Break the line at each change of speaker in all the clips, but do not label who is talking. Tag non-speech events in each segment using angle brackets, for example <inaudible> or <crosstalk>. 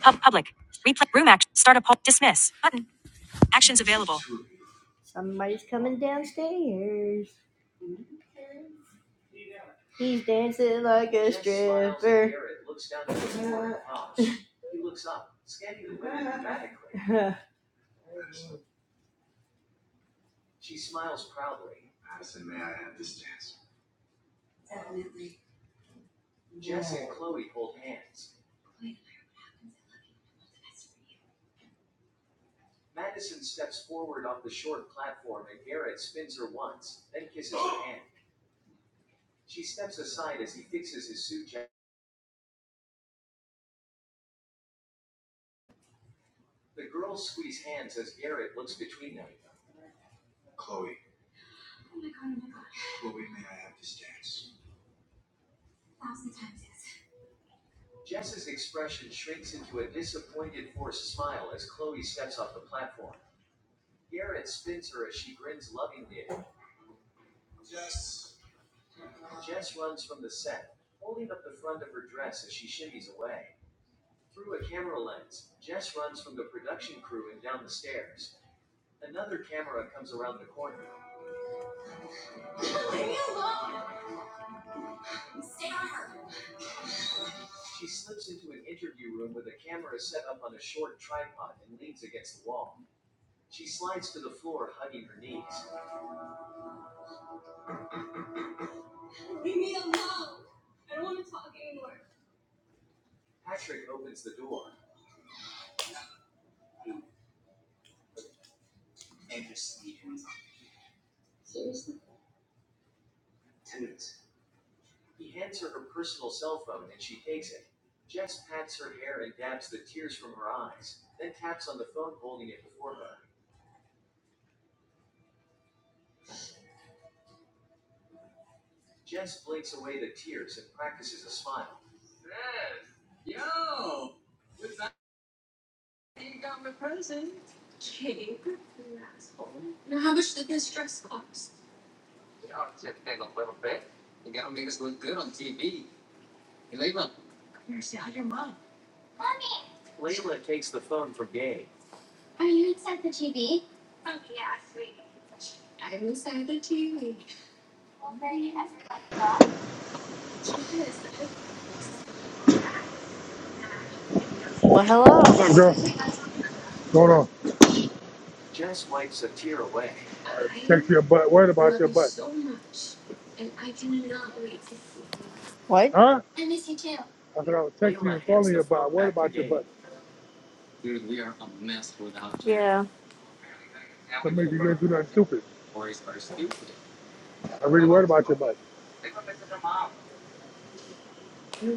Pub public. Replay room action. Start a poll. Dismiss button. Actions available. He's coming downstairs. He's dancing like a Uh, <laughs> Well, hello.
What up, girl? Going on? Text your butt. Worried about your butt.
What?
Huh? I said I was texting you and calling you about. Worried about your butt.
Dude, we are a mess without you. Yeah.
So make sure you ain't do nothing stupid. I really worried about your butt.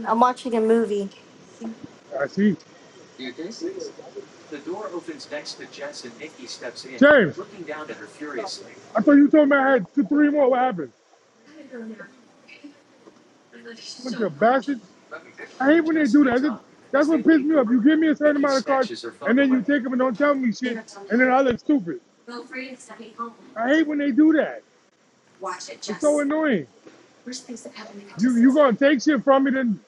I'm watching a movie.
I see. James, I thought you told me I had two, three more. What happened? Bunch of bastards. I hate when they do that. That's that's what pisses me off. You give me a certain amount of cards and then you take them and don't tell me shit and then I look stupid. I hate when they do that. It's so annoying. You you gonna take shit from me? Then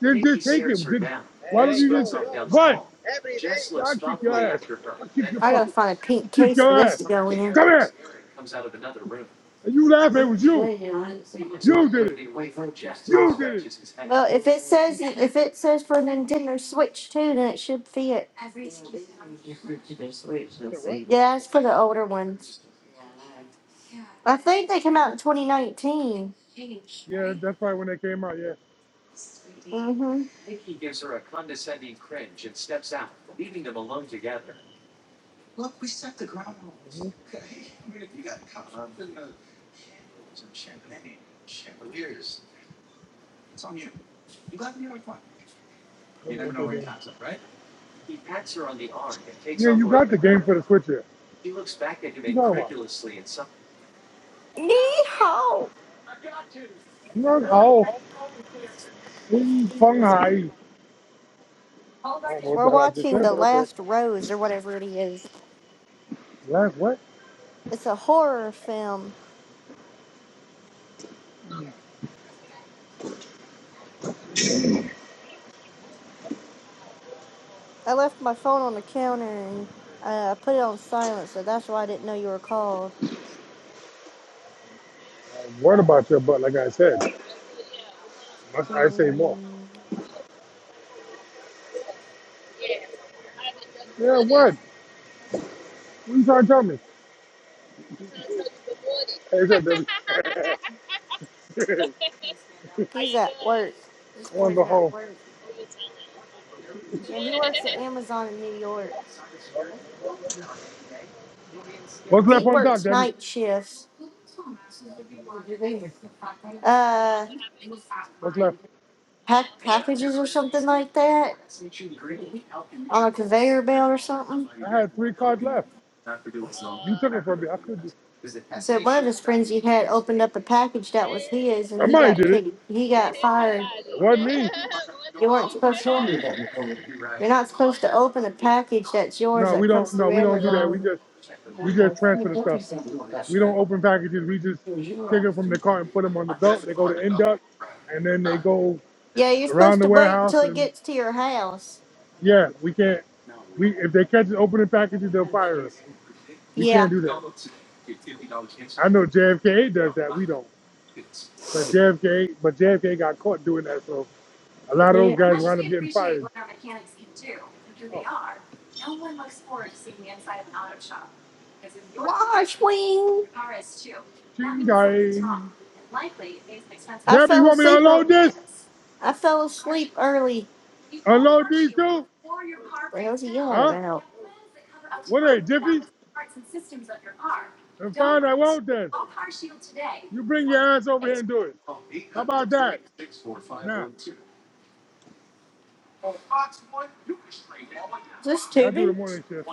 then just take it. Then- why don't Hey, hey, you just yo, ta- yo, what? every
Jess
day.
looks
I'll kick your
thoughtfully
ass.
after her.
I'll kick
Then
your
I gotta
fucking.
find a
I'll
pink
kick
case
your
for this to
ass.
go in.
Come here.
Comes out of another room.
And you laughing? It was you.
Well,
You did it. You did it.
if it says
You
if it says for Nintendo Switch too, then it should fit.
said what?
Yeah, it's for the older ones. I think they came out in 2019.
Yeah, that's probably when they came out. Yeah.
Mm-hmm.
I don't know what they doing. Yeah, you got the game for the Switch here. What you talking about?
Yeehaw!
You know how in Shanghai. I don't know what the
We're
hell I just
watching
said,
The
but okay.
Last Rose or whatever it is.
Laugh what?
It's a horror film. I left my phone on the counter and uh, I put it on silent, so that's why I didn't know you were called.
What about your butt? Like I said, must I say more?
Mm.
Yeah, what? What are you trying to tell me? Hey, what's up, Debbie? <laughs> I
He's at work. This
want to
boy's
go
at
home.
work. And he works at Amazon in New York.
<laughs> What's left
He
on the dock,
works
Debbie?
night shifts, uh,
What's left?
pack packages or something like that on a conveyor belt or something.
I had three cards left. You took it from me. How could you?
So one of his friends he had opened up a package that was his, and he
Somebody
got
did it.
kicked. He got fired.
It wasn't me. <laughs>
You weren't supposed. You're not supposed to open a package that's yours
No, we
that comes
don't. No,
through
we don't do that. We
Amazon.
just we just transfer the stuff. We don't open packages. We just take it from the cart and put them on the belt. They go to induct, and then they go.
Yeah, you're
around
supposed
the
to wait until
warehouse,
it
and
gets to your house.
yeah, we can't. We if they catch us opening packages, they'll fire us. We can't
Yeah.
do that. I know JFK does that. We don't. But JFK, but JFK got caught doing that, so a lot of those
Yeah.
guys wound up getting fired. Oh,
Wash wing. That means something's
chingai.
wrong. And likely it means an expensive. I
Debbie,
fell
want me to
asleep. ear-
unload this?
I fell asleep early. You call
Unload
car
these
shield
two?
before your car. What the hell's he yelling
Huh?
about?
What are they, jiffies? And fine, I won't then. You bring your ass over here and do it. How about that? Nah.
Is this
Yeah, I do the
tubing?
morning shift.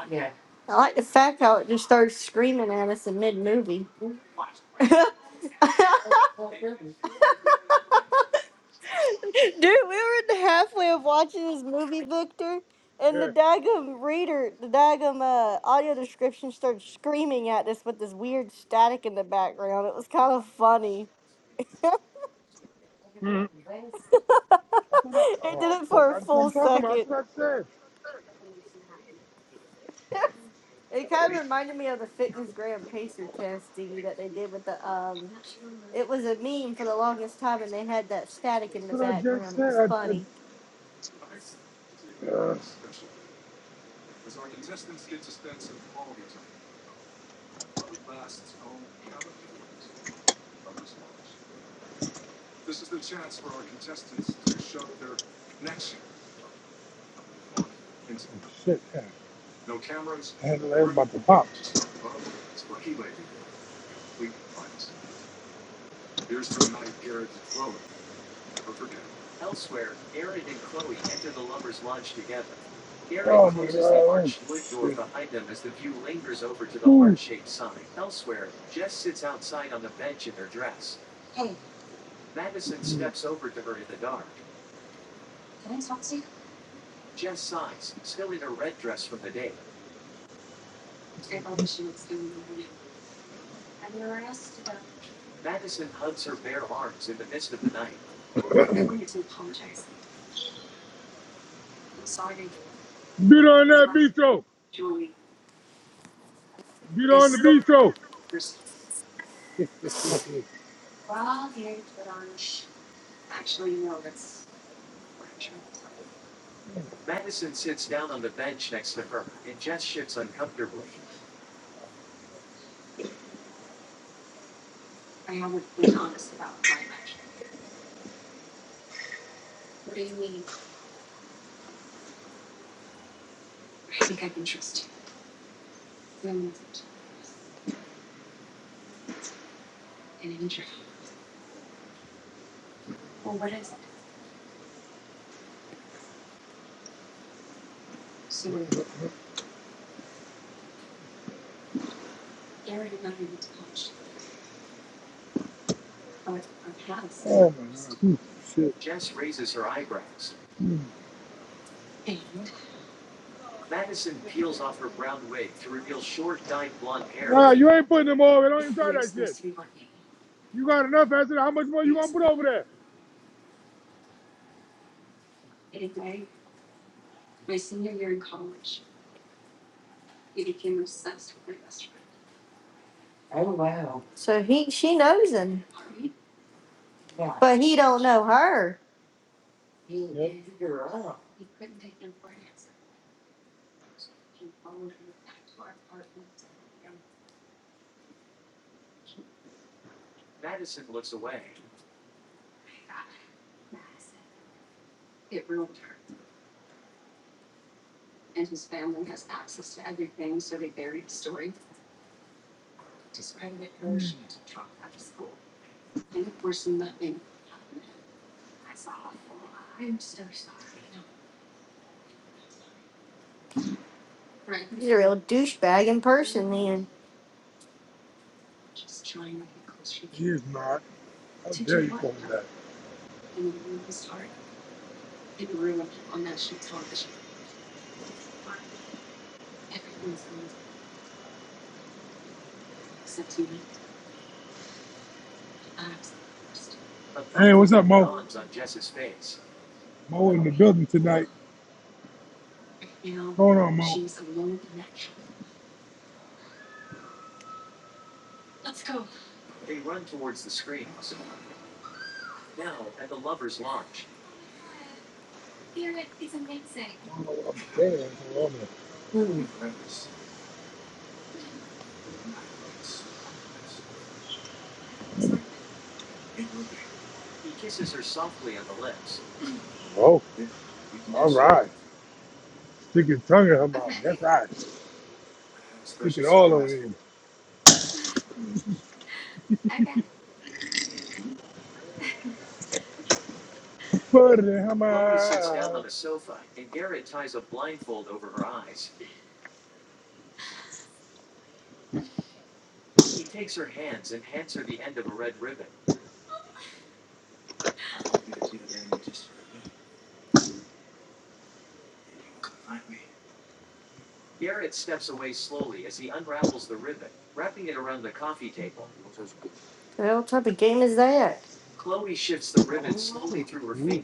I like the fact how it just started screaming at us in mid movie. <laughs> <laughs> Dude, we were in the halfway of watching this movie, Victor, and the daggum reader, the daggum uh, audio description started screaming at us with this weird static in the background. It was kind of funny. <laughs>
Yeah. That's what I,
it
oh,
did it
fuck.
for a
That's what
full
I'm talking about. That's
second.
what I said.
It kind of reminded me of the fitness gram pacer testing that they did with the um. It was a meme for the longest time, and they had that static in
That's
the
what I just
background. It
said.
was
I said,
funny.
uh, shit. man. I had to laugh about to pop. Oh, my God. Oh, shit. Ooh. Beat on that bistro. Beat on the bistro. Oh, my God. Shit. Nah, you ain't putting them over. Don't even try that shit. You got enough acid. How much more you gonna put over there?
So he, she knows him, but he don't know her.
Yep. Mm,
a real douchebag in person, then.
he is not. How dare you call me that? Hey, what's up, Mo? Mo in the building tonight. What's going on, Mo? I don't know what I'm saying. What's going on, Mo? All right. Stick your tongue in her mouth. That's right. Stick it all over in. Put it in her mouth.
What type of game is that?
Ooh.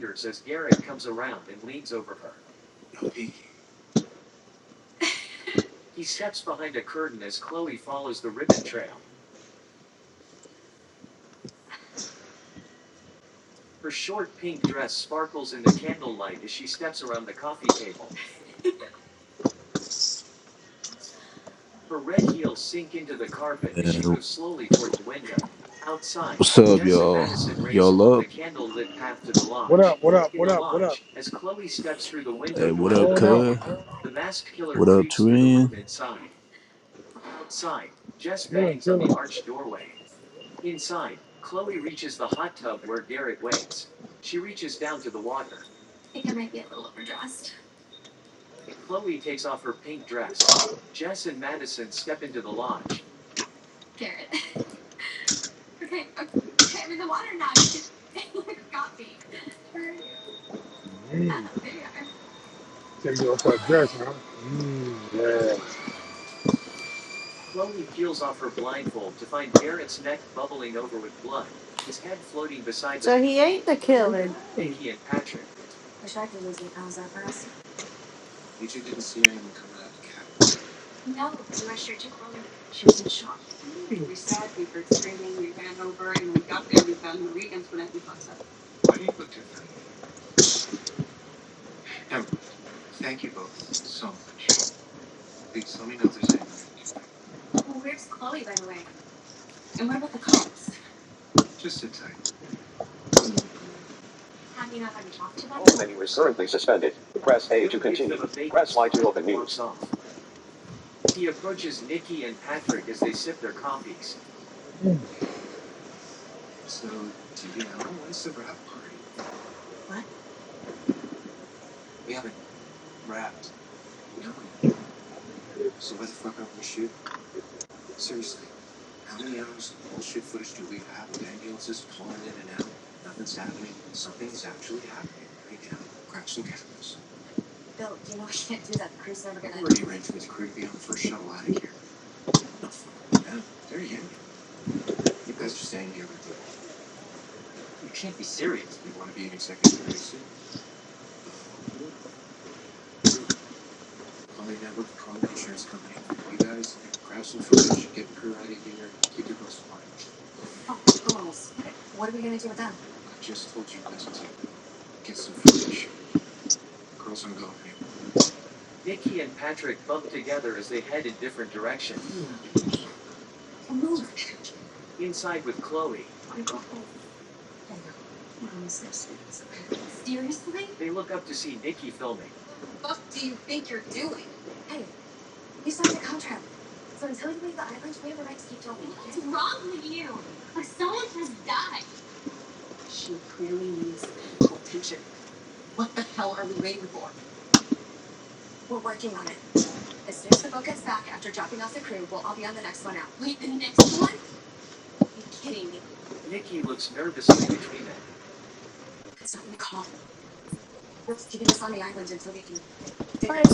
And what's up, y'all? Y'all up?
What up? What up? What up? What up?
Hey, what up,
Going on?
cuz? What up, Turin?
Chilling, chilling. Mmm. Take it off her dress, huh? Mmm. Yes.
ain't the killer.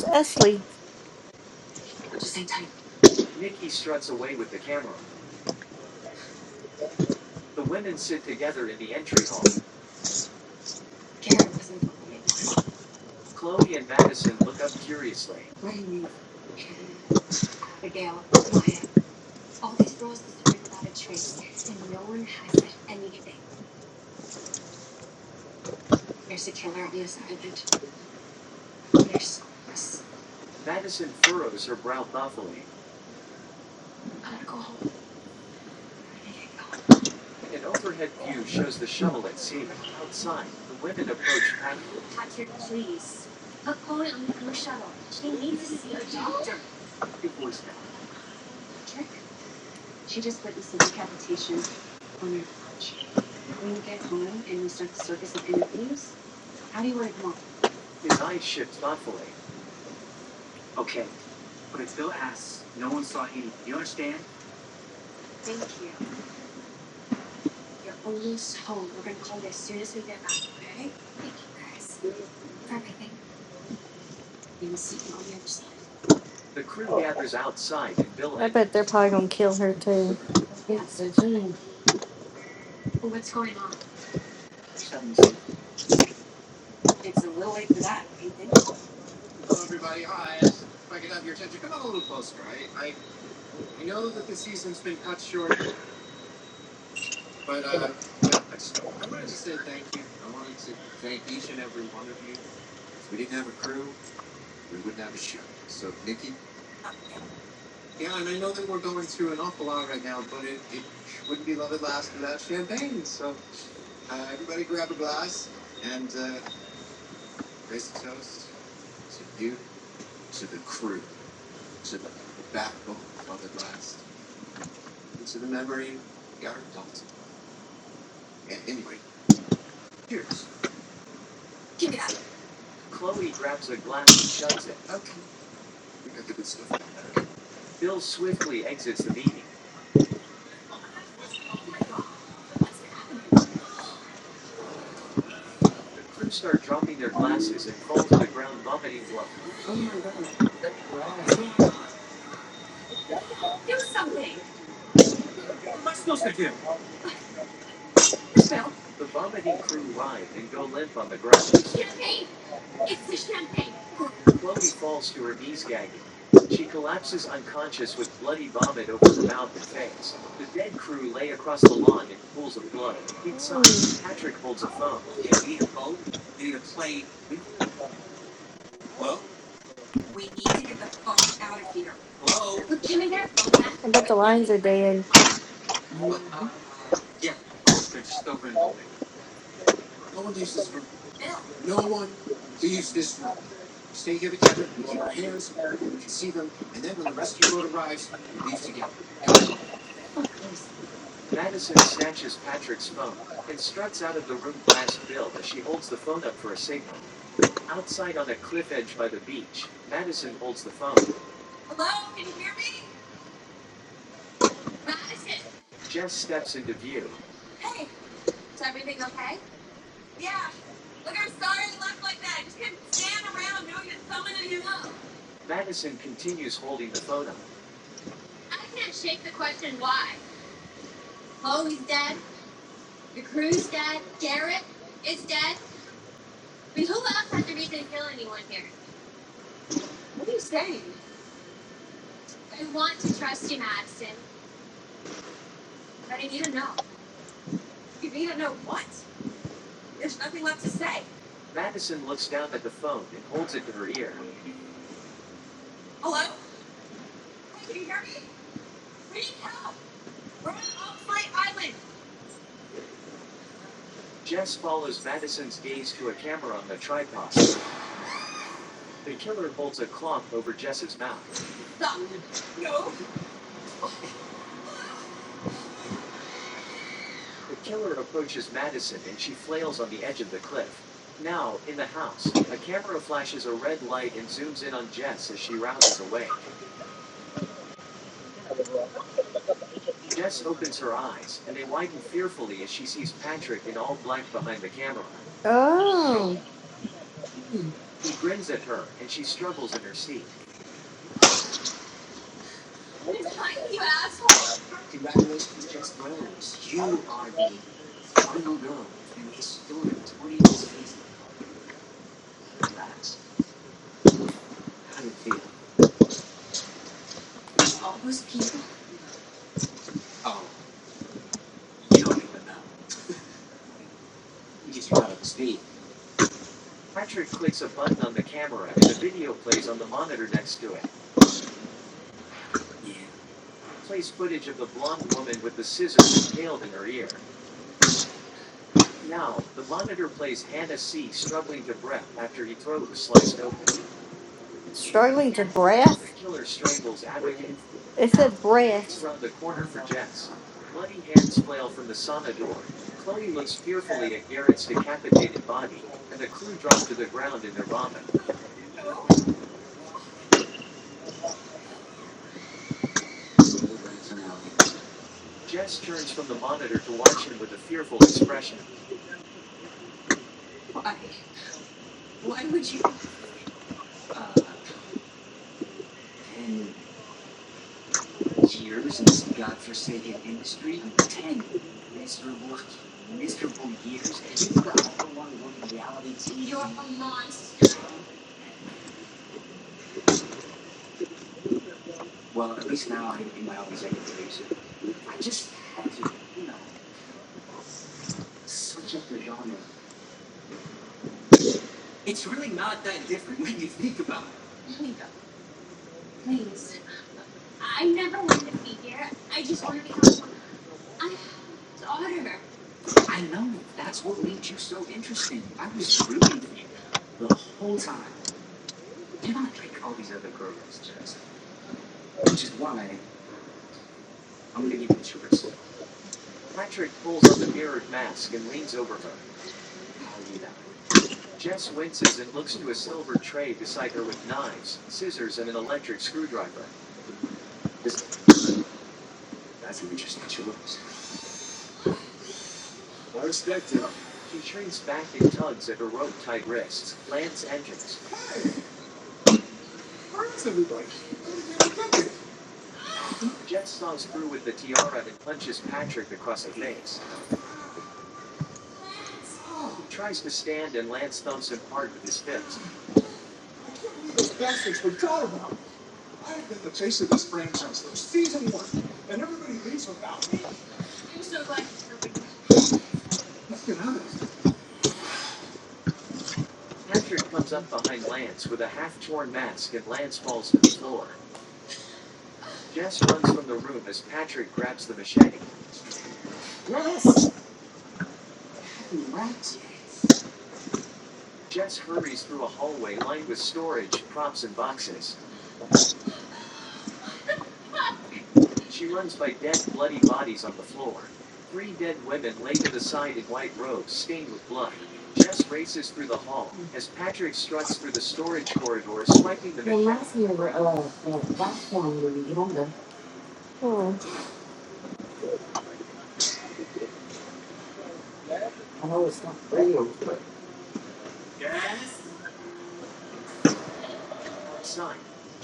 Esley? probably gonna kill her too. Oh. Struggling to breath? breath. Hmm.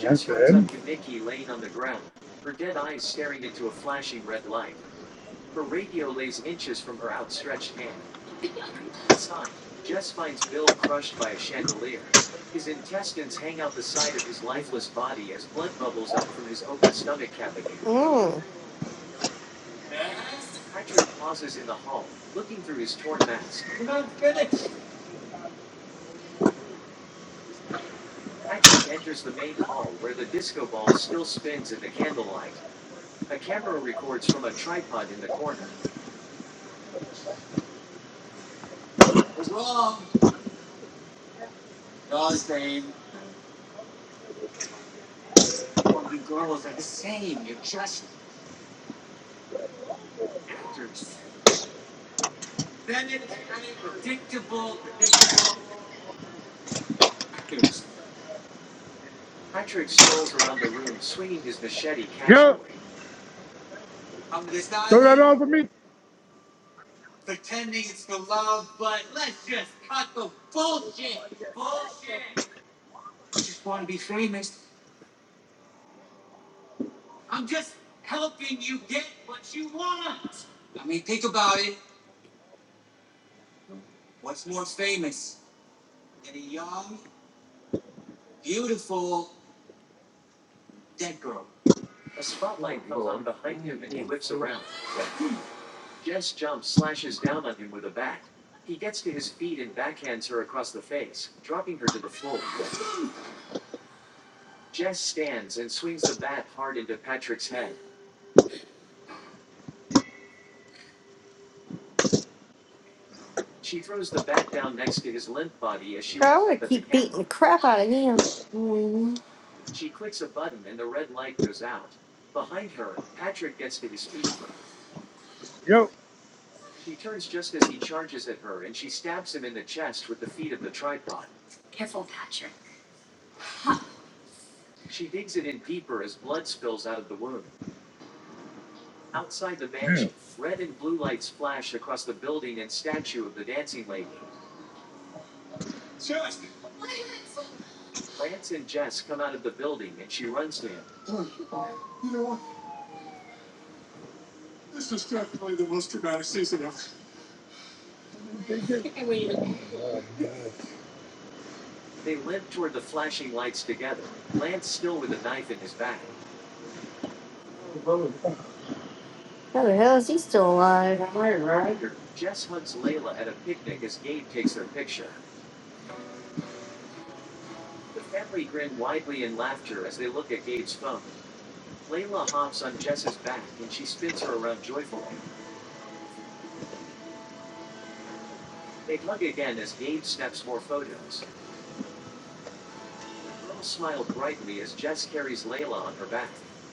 That's the end.
Mm.
Yo, throw that on for me.
Girl, crap out of him. Mm.
Yo. Take it. Uh,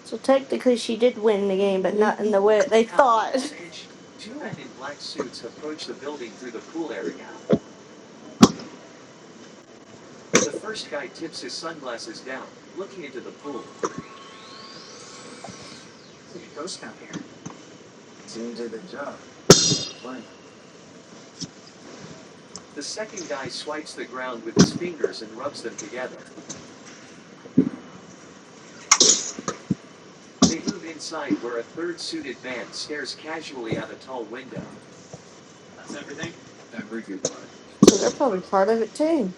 So technically, she did win the game, but not in the way that they thought. <laughs> So they're probably part of it too.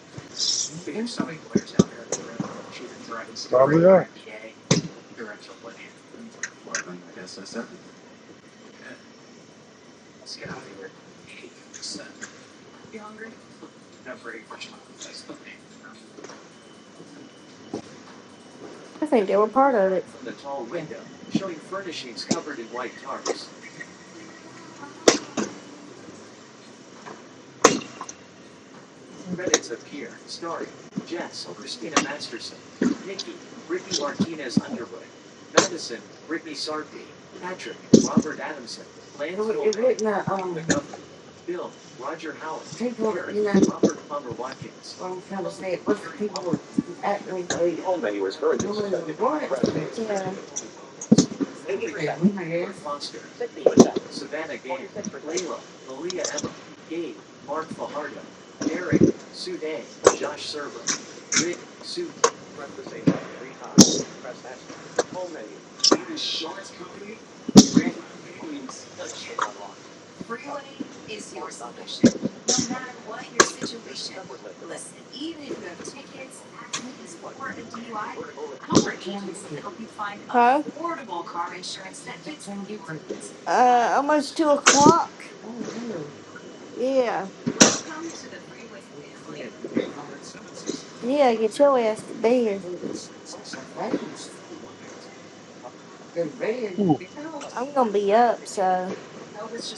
Probably are.
I think they were part of it. Yeah. Our agents can help you find Huh? affordable car insurance that fits your needs. Uh, almost two o'clock. Yeah. Yeah, get your ass to bed.
Ooh.
I'm gonna be up, so. Alright.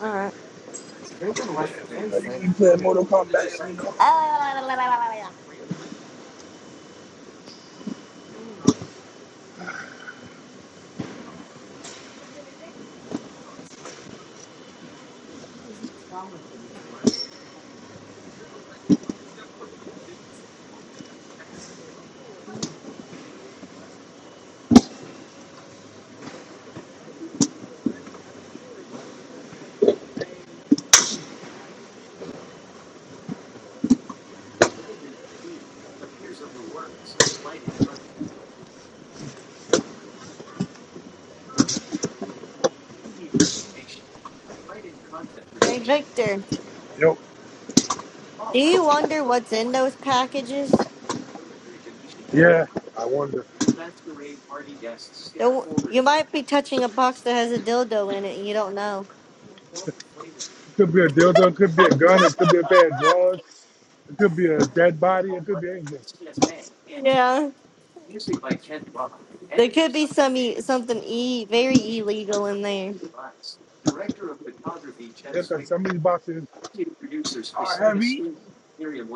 Ah,
Yeah, We know you we play Mortal Kombat. We know.
Hey Victor,
Yo.
do you wonder what's in those packages?
Yeah. I wonder.
Don't, you might be touching a box that has a dildo in it and you don't know.
Could be a dildo, it could be a gun, it could be a pair of
<laughs>
drawers, it could be a dead body, it could be anything.
Yeah. There could be some e- something e- very illegal in there.
Yeah, 'cause some of these boxes are heavy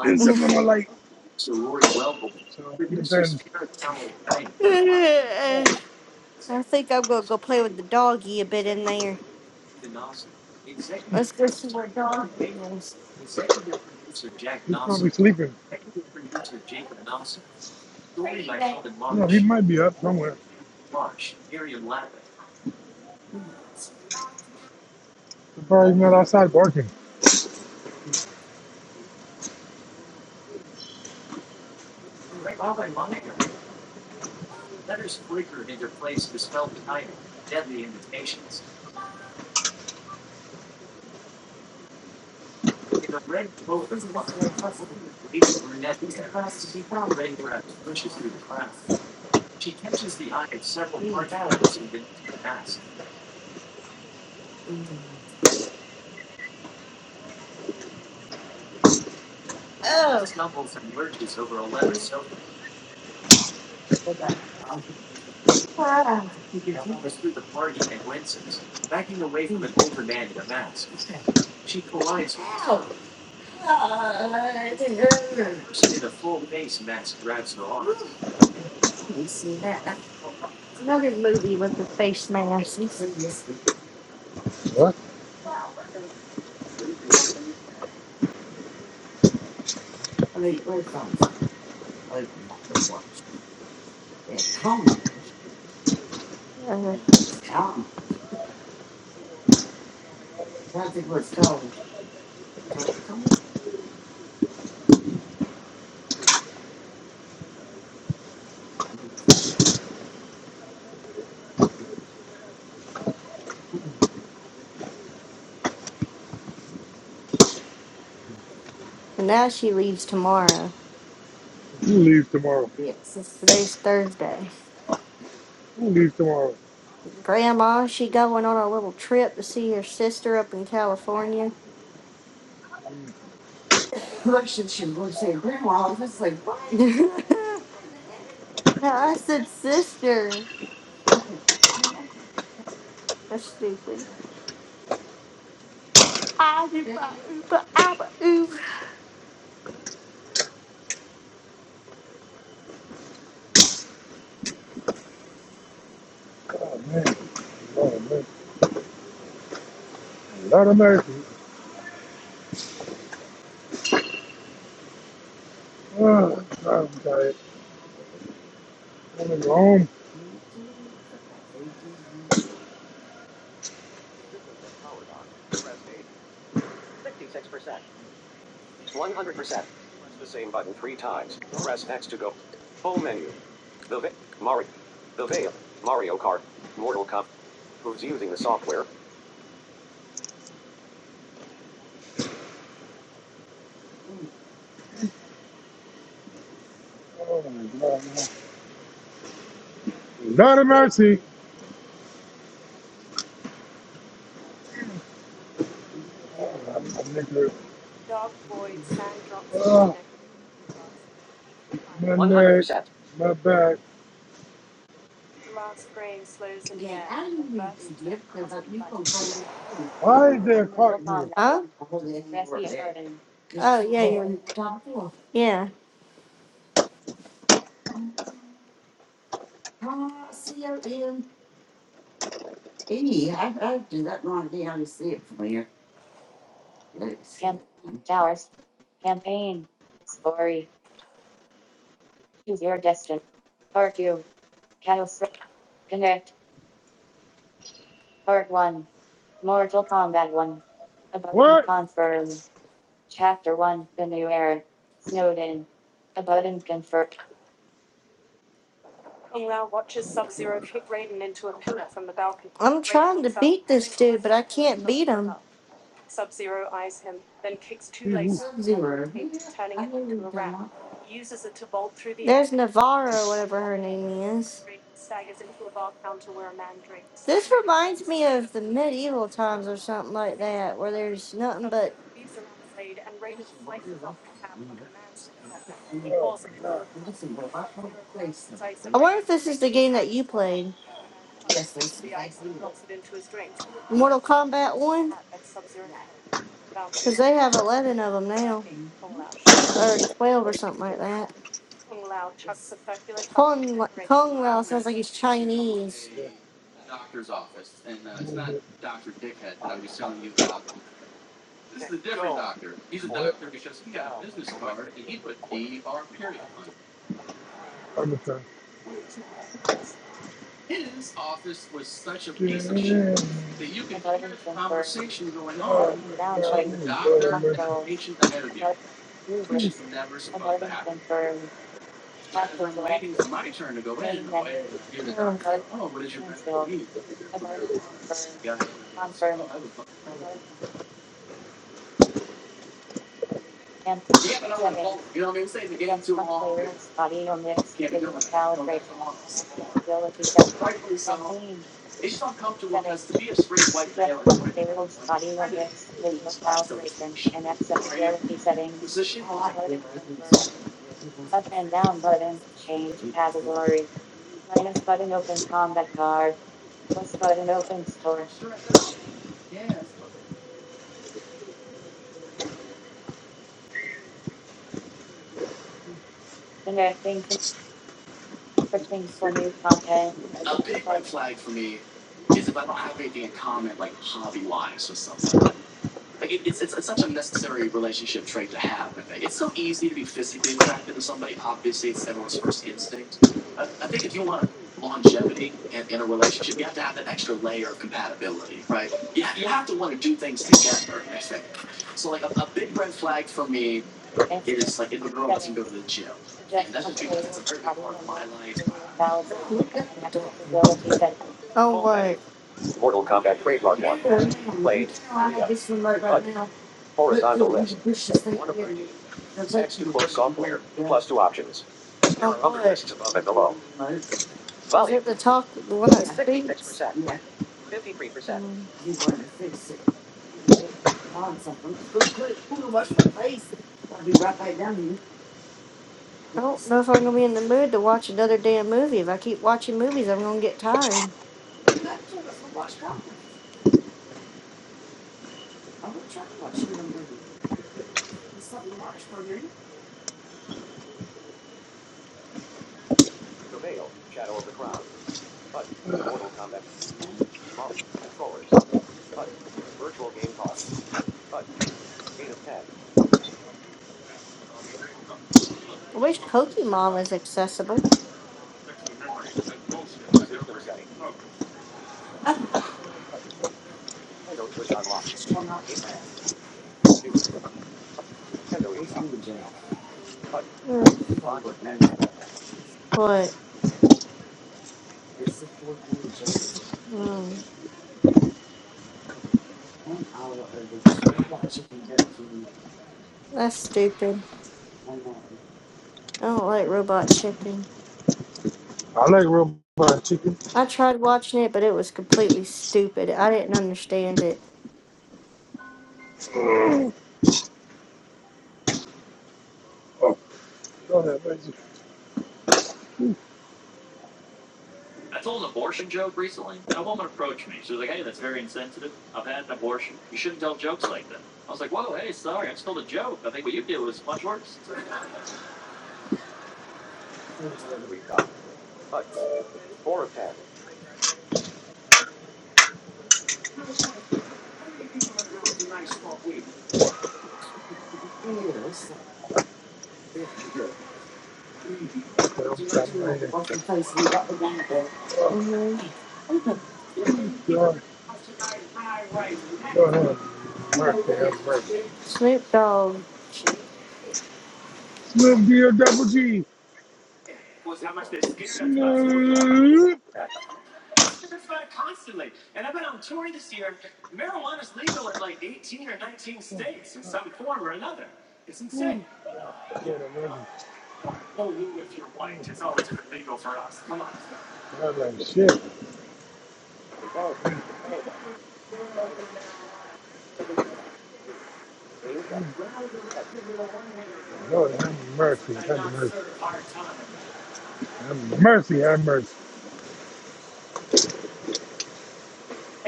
and some of them are light. So
<laughs>
it depends.
<laughs> I think I'm gonna go play with the doggy a bit in there. Let's go see what doggy is.
He's probably sleeping. You know, he might be up somewhere. He's probably not outside barking.
Oh, it's another movie with the face mask.
What?
Uh, <laughs> and now she leaves tomorrow.
Who leaves tomorrow?
Yes. It's- Today's Thursday.
Who leaves tomorrow?
Grandma, she going on a little trip to see her sister up in California. No, I said sister. That's stupid. I do ba- ooba- abba oob.
Oh man. Oh man. Lord of mercy. Oh, God, I'm tired. I'm gonna go home. Oh my god, man. Lord of mercy. I'm, I'm naked. Oh, my neck, my back.
Yeah.
Why is there a cart here?
Huh? Oh yeah,
No.
yeah, yeah.
What?
I'm trying to beat this dude, but I can't beat him.
Need who?
There's Navarro, whatever her name is. This reminds me of the medieval times or something like that, where there's nothing but.
Oh my god.
I wonder if this is the game that you played. Mortal Kombat 1? Because they have 11 of them now. Or 12 or something like that. Kung, La- Kung Lao sounds like he's Chinese.
I'm moving. That I'm trying. Yeah. Oh my god. Move. Lord have mercy. Hmm.
Oh, what? Oh, what? Is it the talk, the one that speaks? I don't know if I'm going to be in the mood to watch another damn movie. If I keep watching movies, I'm going to get tired. I wish Pokemon was accessible. Mm, But mm, that's stupid. I don't like Robot Chicken.
I like robot chicken.
I tried watching it, but it was completely stupid. I didn't understand it.
Oh, Lord have mercy. Okay, I'm stopping right here. Oh, God. Lord have mercy. Have mercy. Slim deal double G. Snoop. Hmm. Lord have mercy. I was like shit. Lord have mercy. Have mercy. Have mercy. Have mercy.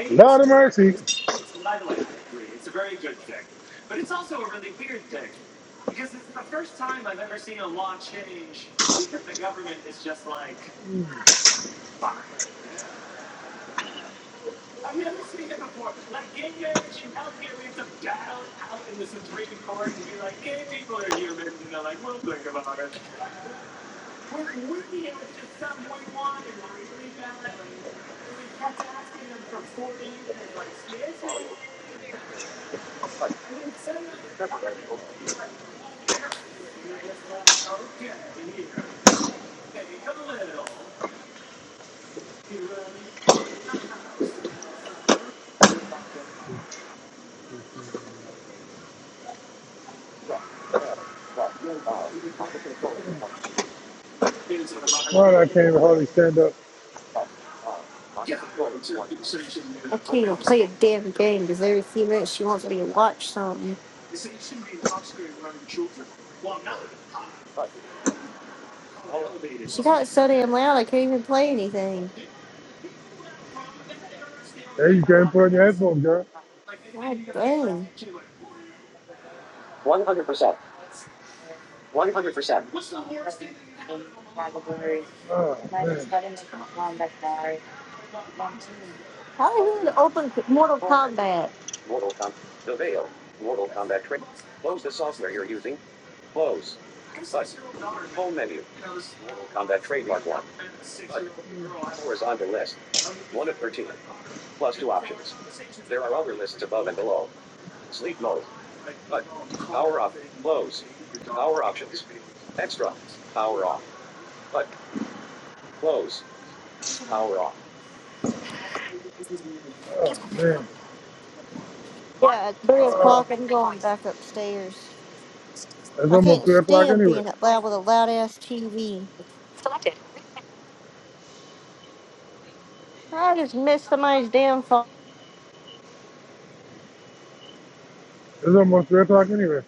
Lord of mercy. Lord, I can't even hardly stand up.
I can't even play a damn game because every few minutes she wants me to watch something. She got so damn loud I can't even play anything.
There you can't put on your headphones, girl.
God dang.
Oh, man.
How the hell to open Mortal Kombat?
Oh, man.
Yeah, at 3
Oh,
o'clock I'm going back upstairs.
it's
I
almost
can't
3 o'clock
stand
anyway.
being up loud with a loud ass TV. I just miss somebody's damn phone.
It's almost 3 o'clock anyway.